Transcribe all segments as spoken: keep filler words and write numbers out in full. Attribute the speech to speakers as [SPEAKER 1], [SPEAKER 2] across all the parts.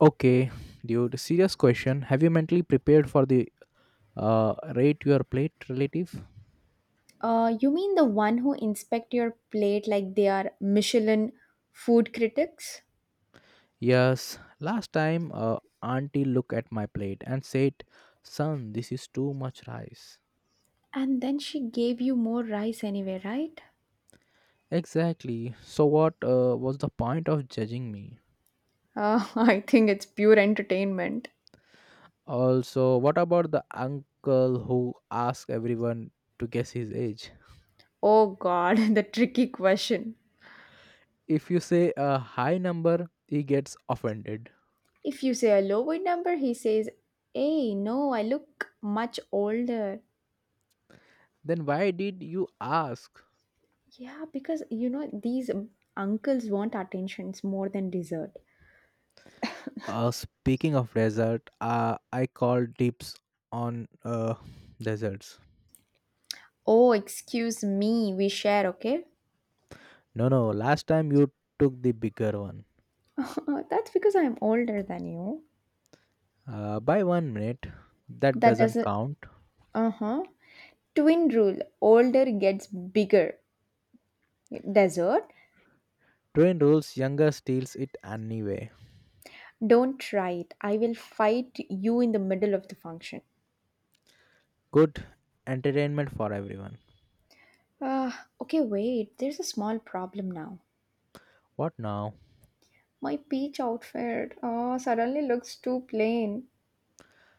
[SPEAKER 1] Okay, dude, serious question. Have you mentally prepared for the uh, rate your plate relative?
[SPEAKER 2] Uh, you mean the one who inspect your plate like they are Michelin food critics?
[SPEAKER 1] Yes, last time uh, auntie looked at my plate and said, Son, this is too much rice.
[SPEAKER 2] And then she gave you more rice anyway, right?
[SPEAKER 1] Exactly. So, what uh, was the point of judging me?
[SPEAKER 2] Uh, I think it's pure entertainment.
[SPEAKER 1] Also, what about the uncle who asks everyone to guess his age?
[SPEAKER 2] Oh god, the tricky question.
[SPEAKER 1] If you say a high number, he gets offended.
[SPEAKER 2] If you say a lower number, he says, Hey, no, I look much older.
[SPEAKER 1] Then why did you ask?
[SPEAKER 2] Yeah, because you know, these uncles want attentions more than dessert.
[SPEAKER 1] Uh, speaking of desert, uh, I called dips on uh, deserts.
[SPEAKER 2] Oh, excuse me, we share, okay?
[SPEAKER 1] No, no, last time you took the bigger one.
[SPEAKER 2] That's because I'm older than you
[SPEAKER 1] Uh, by one minute, that
[SPEAKER 2] that
[SPEAKER 1] doesn't
[SPEAKER 2] doesn't
[SPEAKER 1] count.
[SPEAKER 2] Uh-huh. Twin rule. Older gets bigger. Desert.
[SPEAKER 1] Train rules, younger steals it anyway.
[SPEAKER 2] Don't try it. I will fight you in the middle of the function.
[SPEAKER 1] Good entertainment for everyone.
[SPEAKER 2] Ah, okay, wait. There's a small problem now.
[SPEAKER 1] What now?
[SPEAKER 2] My peach outfit. Oh, suddenly looks too plain.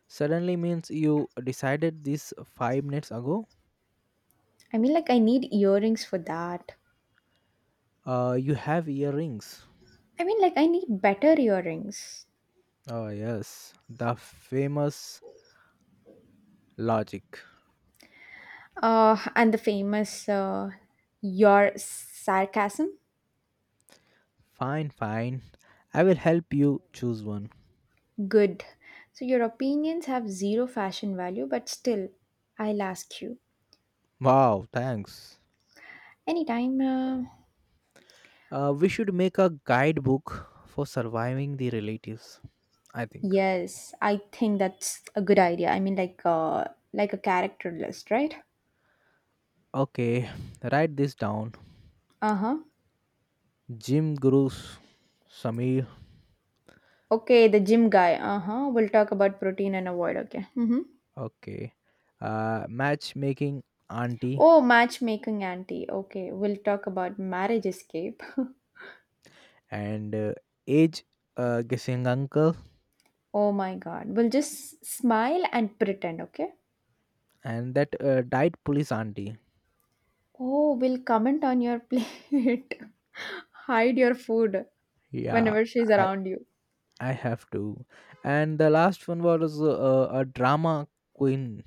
[SPEAKER 1] Suddenly means you decided this five minutes ago?
[SPEAKER 2] I mean, like, I need earrings for that.
[SPEAKER 1] Uh, you have earrings.
[SPEAKER 2] I mean, like, I need better earrings.
[SPEAKER 1] Oh, yes, the famous logic.
[SPEAKER 2] Uh, and the famous, uh, your sarcasm.
[SPEAKER 1] Fine, fine. I will help you choose one.
[SPEAKER 2] Good. So your opinions have zero fashion value, but still, I'll ask you
[SPEAKER 1] Wow, thanks.
[SPEAKER 2] anytime. Uh,
[SPEAKER 1] Uh, we should make a guidebook for surviving the relatives, I think.
[SPEAKER 2] yes, I think that's a good idea. I mean, like, uh, like a character list, right?
[SPEAKER 1] Okay, write this down.
[SPEAKER 2] Uh huh.
[SPEAKER 1] Jim Gurus, Samir,
[SPEAKER 2] Okay, the gym guy. Uh huh. We'll talk about protein and avoid. Okay. Mm-hmm.
[SPEAKER 1] okay. Uh, matchmaking auntie
[SPEAKER 2] Oh, matchmaking auntie. Okay, we'll talk about marriage escape.
[SPEAKER 1] and uh, age uh, guessing uncle
[SPEAKER 2] Oh my God. We'll just smile and pretend. Okay.
[SPEAKER 1] and that uh, died police auntie.
[SPEAKER 2] Oh, will comment on your plate. Hide your food
[SPEAKER 1] Yeah,
[SPEAKER 2] whenever she's
[SPEAKER 1] I
[SPEAKER 2] around you.
[SPEAKER 1] I have to. And the last one was uh, a drama queen,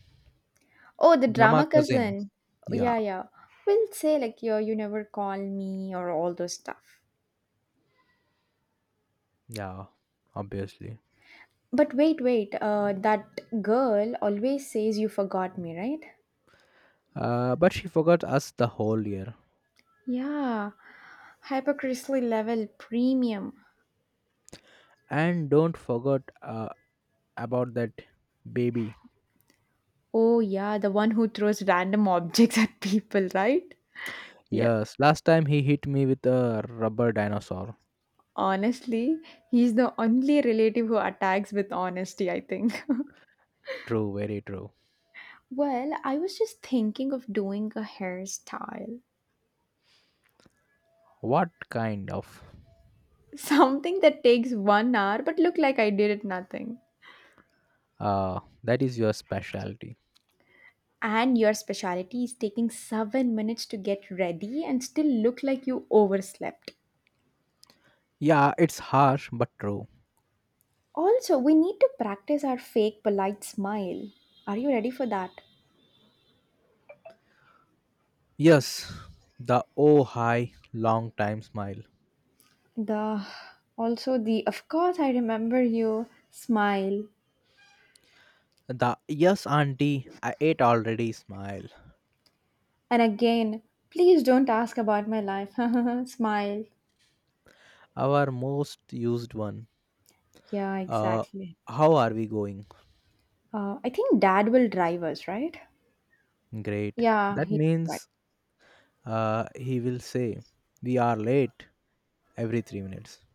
[SPEAKER 2] Oh, the
[SPEAKER 1] drama
[SPEAKER 2] drama
[SPEAKER 1] cousin.
[SPEAKER 2] cousin.
[SPEAKER 1] Yeah,
[SPEAKER 2] Yeah, yeah. Will say like yo, you never call me or all those stuff.
[SPEAKER 1] yeah, obviously.
[SPEAKER 2] But wait, wait. Uh, that girl always says you forgot me, right?
[SPEAKER 1] Uh, but she forgot us the whole year.
[SPEAKER 2] Yeah. Hypercristally level premium.
[SPEAKER 1] And don't forget uh, about that baby.
[SPEAKER 2] Oh yeah, the one who throws random objects at people, right? Yeah.
[SPEAKER 1] Yes, last time he hit me with a rubber dinosaur.
[SPEAKER 2] Honestly, he's the only relative who attacks with honesty, I think.
[SPEAKER 1] True, very true.
[SPEAKER 2] Well, I was just thinking of doing a hairstyle.
[SPEAKER 1] What kind of?
[SPEAKER 2] Something that takes one hour but look like I did it nothing.
[SPEAKER 1] Uh, that is your specialty.
[SPEAKER 2] And your specialty is taking seven minutes to get ready and still look like you overslept.
[SPEAKER 1] Yeah, it's harsh but true.
[SPEAKER 2] Also, we need to practice our fake polite smile. Are you ready for that?
[SPEAKER 1] Yes, the oh hi long time smile.
[SPEAKER 2] The also the of course I remember you smile.
[SPEAKER 1] The yes auntie, I ate already smile.
[SPEAKER 2] And again, please don't ask about my life. Smile.
[SPEAKER 1] Our most used one.
[SPEAKER 2] Yeah,
[SPEAKER 1] Uh,
[SPEAKER 2] exactly.
[SPEAKER 1] how are we going?
[SPEAKER 2] Uh, I think dad will drive us, right?
[SPEAKER 1] Great.
[SPEAKER 2] Yeah,
[SPEAKER 1] That
[SPEAKER 2] he's right.
[SPEAKER 1] means uh, he will say, We are late every three minutes.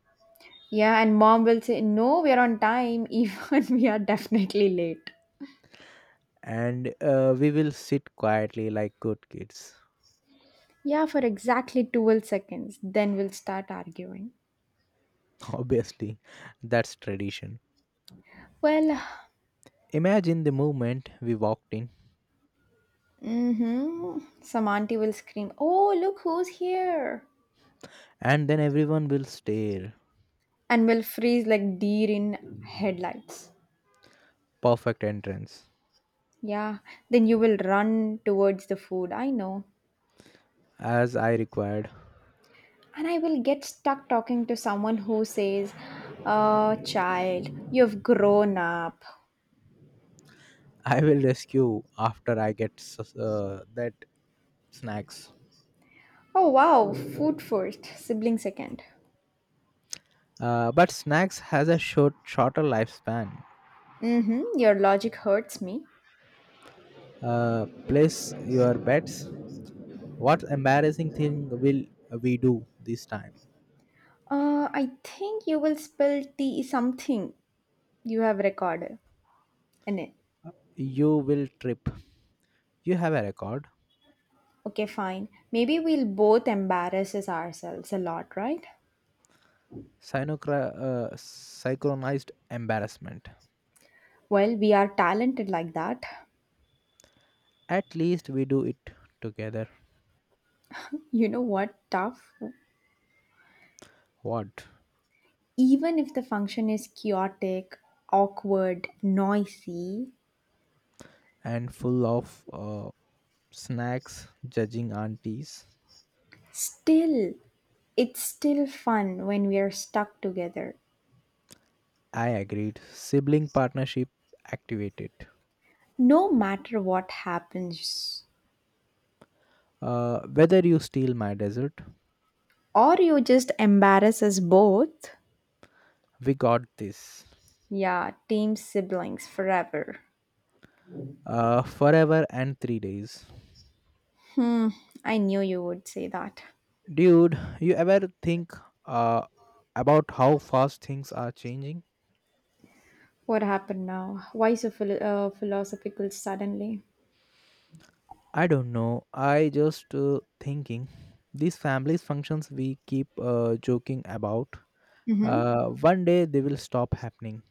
[SPEAKER 2] Yeah, and mom will say, no, we're on time, even we are definitely late.
[SPEAKER 1] And uh, we will sit quietly like good kids.
[SPEAKER 2] Yeah, for exactly twelve seconds. Then we'll start arguing.
[SPEAKER 1] Obviously, that's tradition.
[SPEAKER 2] Well,
[SPEAKER 1] Imagine the moment we walked in,
[SPEAKER 2] mm-hmm. Some auntie will scream, oh, look who's here.
[SPEAKER 1] and then everyone will stare.
[SPEAKER 2] And will freeze like deer in headlights.
[SPEAKER 1] Perfect entrance,
[SPEAKER 2] Yeah, then you will run towards the food. I know.
[SPEAKER 1] as I required.
[SPEAKER 2] And I will get stuck talking to someone who says, Oh, child, you've grown up.
[SPEAKER 1] I will rescue after I get s- uh, that snacks.
[SPEAKER 2] Oh, wow, food first, sibling second.
[SPEAKER 1] Uh, but snacks has a short, shorter lifespan.
[SPEAKER 2] Mm-hmm, your logic hurts me.
[SPEAKER 1] Uh, place your bets. What embarrassing thing will we do this time?
[SPEAKER 2] Uh, I think you will spill tea something you have recorded in it.
[SPEAKER 1] You will trip. You have a record.
[SPEAKER 2] Okay, fine. Maybe we'll both embarrass ourselves a lot, right?
[SPEAKER 1] Synocra- uh, synchronized embarrassment.
[SPEAKER 2] Well, we are talented like that.
[SPEAKER 1] At least we do it together.
[SPEAKER 2] You know what? Tough.
[SPEAKER 1] What?
[SPEAKER 2] Even if the function is chaotic, awkward, noisy,
[SPEAKER 1] And full of uh, snacks, judging aunties.
[SPEAKER 2] still, it's still fun when we are stuck together,
[SPEAKER 1] I agreed. Sibling partnership activated.
[SPEAKER 2] no matter what happens.
[SPEAKER 1] Uh, whether you steal my dessert,
[SPEAKER 2] Or you just embarrass us both.
[SPEAKER 1] we got this.
[SPEAKER 2] Yeah, team siblings forever.
[SPEAKER 1] Uh, forever and three days.
[SPEAKER 2] I knew you would say that.
[SPEAKER 1] Dude, you ever think uh, about how fast things are changing?
[SPEAKER 2] What happened now? Why so philo- uh, philosophical suddenly?
[SPEAKER 1] I don't know. I just uh, thinking these families functions we keep uh, joking about.
[SPEAKER 2] Mm-hmm.
[SPEAKER 1] Uh, one day they will stop happening,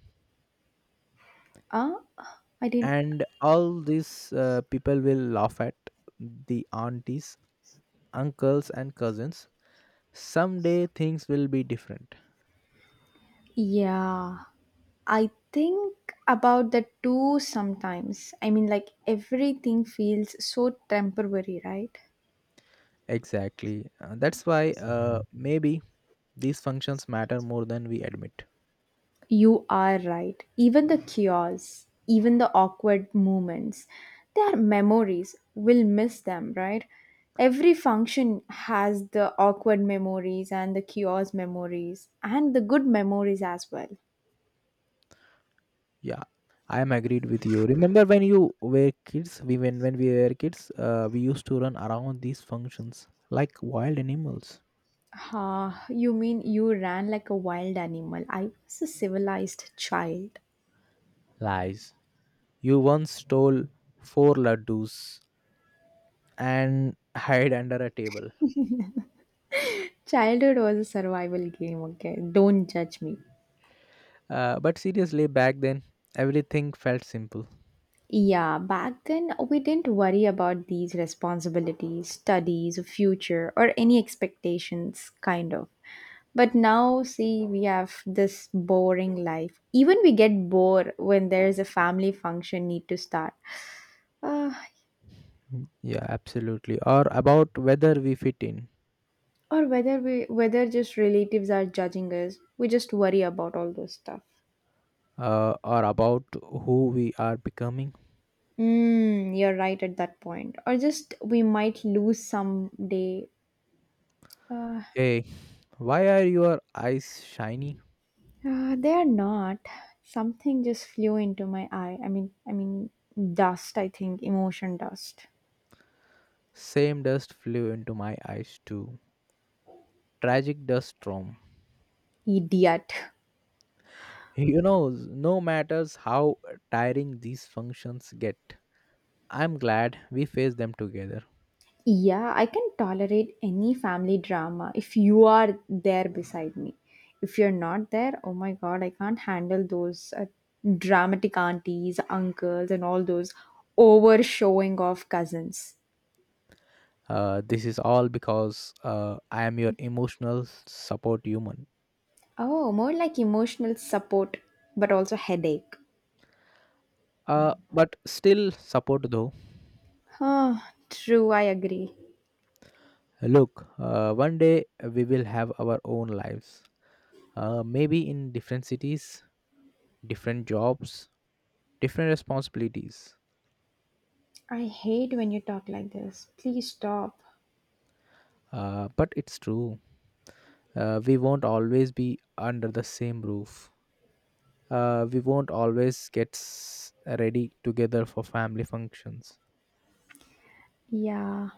[SPEAKER 2] Uh, I didn't.
[SPEAKER 1] and all these uh, people will laugh at the aunties, uncles, and cousins. Someday things will be different.
[SPEAKER 2] Yeah, I think about the two sometimes. I mean, like everything feels so temporary, right?
[SPEAKER 1] Exactly. Uh, that's why uh, maybe these functions matter more than we admit.
[SPEAKER 2] You are right. Even the chaos, even the awkward moments, they are memories. We'll miss them, right? Every function has the awkward memories and the chaos memories and the good memories as well.
[SPEAKER 1] Yeah, I am agreed with you. Remember when you were kids? We when when we were kids, uh, we used to run around these functions like wild animals.
[SPEAKER 2] Ah, you mean you ran like a wild animal? I was a civilized child.
[SPEAKER 1] Lies. You once stole four laddus and hid under a table.
[SPEAKER 2] Childhood was a survival game, okay? Don't judge me.
[SPEAKER 1] Uh, but seriously, back then everything felt simple.
[SPEAKER 2] Yeah, back then we didn't worry about these responsibilities, studies, future, or any expectations, kind of. But now, see, we have this boring life. Even we get bored when there's a family function need to start, uh,
[SPEAKER 1] Mm, yeah, absolutely. Or about whether we fit in,
[SPEAKER 2] or whether we whether just relatives are judging us. We just worry about all those stuff.
[SPEAKER 1] uh, or about who we are becoming.
[SPEAKER 2] Mm, you're right at that point. Or just we might lose someday. Uh,
[SPEAKER 1] Hey, why are your eyes shiny?
[SPEAKER 2] Uh, they are not. Something just flew into my eye. I mean, I mean, dust. I think emotion dust.
[SPEAKER 1] Same dust flew into my eyes too. Tragic dust storm.
[SPEAKER 2] Idiot.
[SPEAKER 1] You know, no matters how tiring these functions get, I'm glad we face them together.
[SPEAKER 2] Yeah, I can tolerate any family drama if you are there beside me. If you're not there, oh my god, I can't handle those uh, dramatic aunties, uncles, and all those over showing off cousins.
[SPEAKER 1] Uh, this is all because uh, I am your emotional support human.
[SPEAKER 2] Oh, more like emotional support, but also headache.
[SPEAKER 1] Uh, but still support though.
[SPEAKER 2] Huh, true, I agree.
[SPEAKER 1] Look, uh, one day we will have our own lives. Uh, maybe in different cities, different jobs, different responsibilities.
[SPEAKER 2] I hate when you talk like this. Please stop.
[SPEAKER 1] Uh, but it's true. Uh, we won't always be under the same roof. Uh, we won't always get s- ready together for family functions.
[SPEAKER 2] Yeah,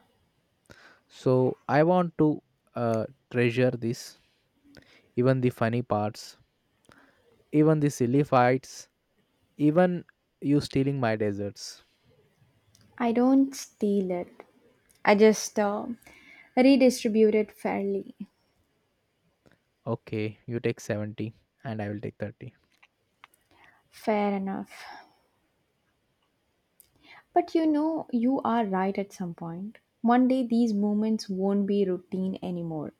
[SPEAKER 1] So I want to uh, treasure this, even the funny parts, even the silly fights, even you stealing my desserts.
[SPEAKER 2] I don't steal it. I just uh, redistribute it fairly.
[SPEAKER 1] Okay, you take seventy and I will take thirty.
[SPEAKER 2] Fair enough. But you know, you are right at some point. One day these moments won't be routine anymore.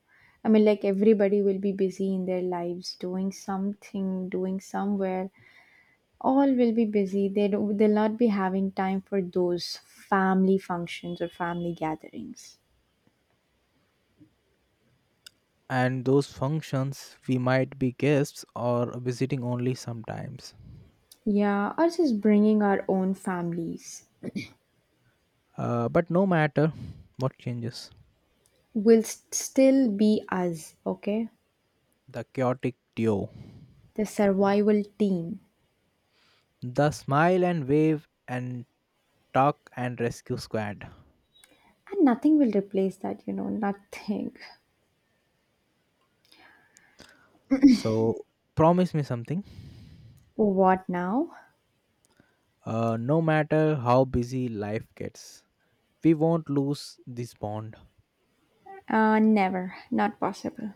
[SPEAKER 2] I mean, like everybody will be busy in their lives, doing something, doing somewhere. All will be busy. They don't, they'll not be having time for those family functions or family gatherings.
[SPEAKER 1] And those functions, we might be guests or visiting only sometimes.
[SPEAKER 2] Yeah, or just bringing our own families.
[SPEAKER 1] Uh, but no matter what changes,
[SPEAKER 2] We'll st- still be us, okay?
[SPEAKER 1] the chaotic duo,
[SPEAKER 2] The survival team.
[SPEAKER 1] the smile and wave and talk and rescue squad.
[SPEAKER 2] And nothing will replace that, you know, nothing.
[SPEAKER 1] So promise me something.
[SPEAKER 2] What now?
[SPEAKER 1] Uh, no matter how busy life gets, we won't lose this bond.
[SPEAKER 2] Uh, never. Not possible.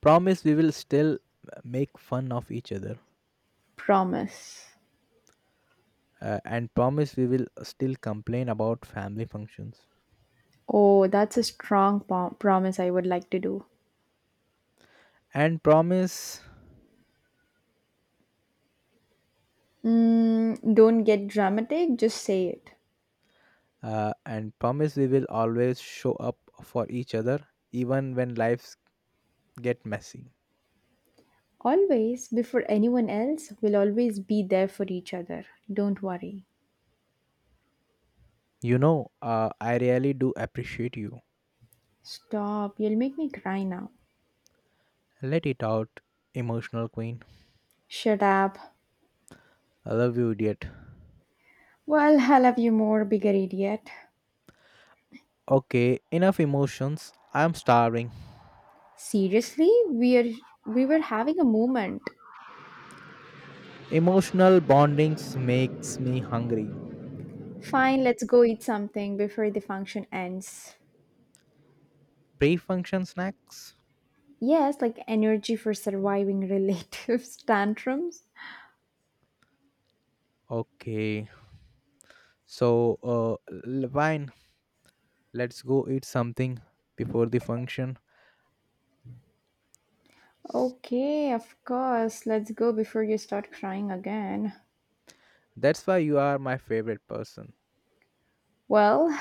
[SPEAKER 1] Promise we will still make fun of each other.
[SPEAKER 2] Promise.
[SPEAKER 1] Uh, and promise we will still complain about family functions.
[SPEAKER 2] Oh, that's a strong pom- promise I would like to do.
[SPEAKER 1] And promise
[SPEAKER 2] Mm, don't get dramatic, just say it.
[SPEAKER 1] uh, and promise we will always show up for each other even when lives get messy.
[SPEAKER 2] Always, before anyone else, we'll always be there for each other. Don't worry.
[SPEAKER 1] You know, uh, I really do appreciate you.
[SPEAKER 2] Stop, you'll make me cry now.
[SPEAKER 1] Let it out, emotional queen.
[SPEAKER 2] Shut up.
[SPEAKER 1] I love you, idiot.
[SPEAKER 2] Well, I love you more, bigger idiot.
[SPEAKER 1] Okay, enough emotions. I'm starving.
[SPEAKER 2] Seriously, we're we were having a moment.
[SPEAKER 1] Emotional bondings makes me hungry.
[SPEAKER 2] Fine, let's go eat something before the function ends.
[SPEAKER 1] Pre-function snacks.
[SPEAKER 2] Yes, like energy for surviving relatives tantrums.
[SPEAKER 1] Okay, so uh, l- fine. Let's go eat something before the function.
[SPEAKER 2] Okay, of course. Let's go before you start crying again.
[SPEAKER 1] That's why you are my favorite person.
[SPEAKER 2] Well,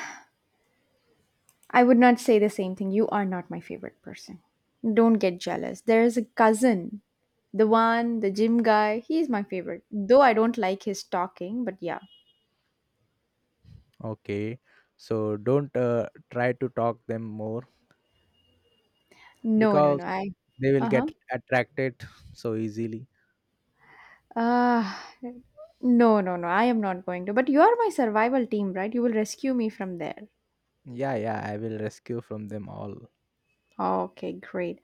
[SPEAKER 2] I would not say the same thing. You are not my favorite person. Don't get jealous. There is a cousin, the one, the gym guy. He is my favorite. Though I don't like his talking, but yeah.
[SPEAKER 1] Okay, so don't uh, try to talk them more
[SPEAKER 2] No, no, no.
[SPEAKER 1] because
[SPEAKER 2] I.
[SPEAKER 1] they will
[SPEAKER 2] Uh huh.
[SPEAKER 1] get attracted so easily.
[SPEAKER 2] Uh, no, no, no. I am not going to. But you are my survival team, right? You will rescue me from there.
[SPEAKER 1] Yeah, yeah, I will rescue from them all.
[SPEAKER 2] Okay, great.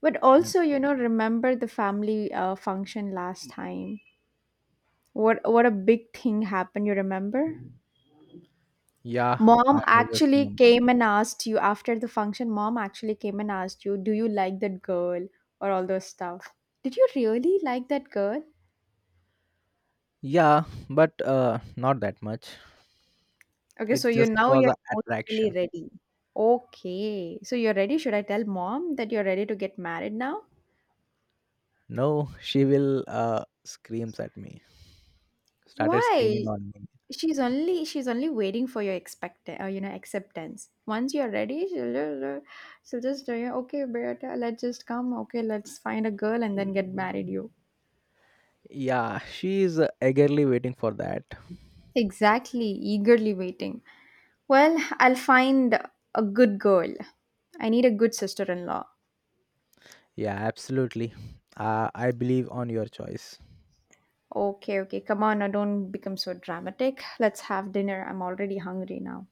[SPEAKER 2] But also, you know, remember the family uh, function last time. What what a big thing happened. You remember?
[SPEAKER 1] Yeah, I
[SPEAKER 2] Mom
[SPEAKER 1] always
[SPEAKER 2] actually
[SPEAKER 1] remember.
[SPEAKER 2] came and asked you after the function. Mom actually came and asked you, Do you like that girl? Or all those stuff. Did you really like that girl?
[SPEAKER 1] Yeah, but uh, not that much.
[SPEAKER 2] Okay,
[SPEAKER 1] It
[SPEAKER 2] so you
[SPEAKER 1] just
[SPEAKER 2] now
[SPEAKER 1] was
[SPEAKER 2] you're
[SPEAKER 1] an
[SPEAKER 2] emotionally
[SPEAKER 1] attraction.
[SPEAKER 2] ready. Okay, so you're ready. Should I tell mom that you're ready to get married now?
[SPEAKER 1] No, she will uh, screams at me. Started screaming
[SPEAKER 2] Why?
[SPEAKER 1] on me.
[SPEAKER 2] She's only she's only waiting for your expect uh, you know acceptance. Once you're ready, she'll just, she'll just tell you, okay, Beata, let's just come. Okay, let's find a girl and then get married. You.
[SPEAKER 1] Yeah, she is eagerly waiting for that.
[SPEAKER 2] Exactly, eagerly waiting. Well, I'll find a good girl. I need a good sister in law.
[SPEAKER 1] Yeah, absolutely. Uh, I believe on your choice.
[SPEAKER 2] Okay, okay, come on, now don't become so dramatic. Let's have dinner. I'm already hungry now.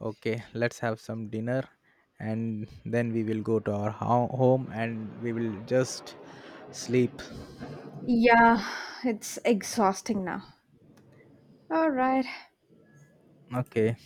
[SPEAKER 1] Okay, let's have some dinner, and then we will go to our ho- home and we will just sleep.
[SPEAKER 2] Yeah, it's exhausting now. All right,
[SPEAKER 1] Okay.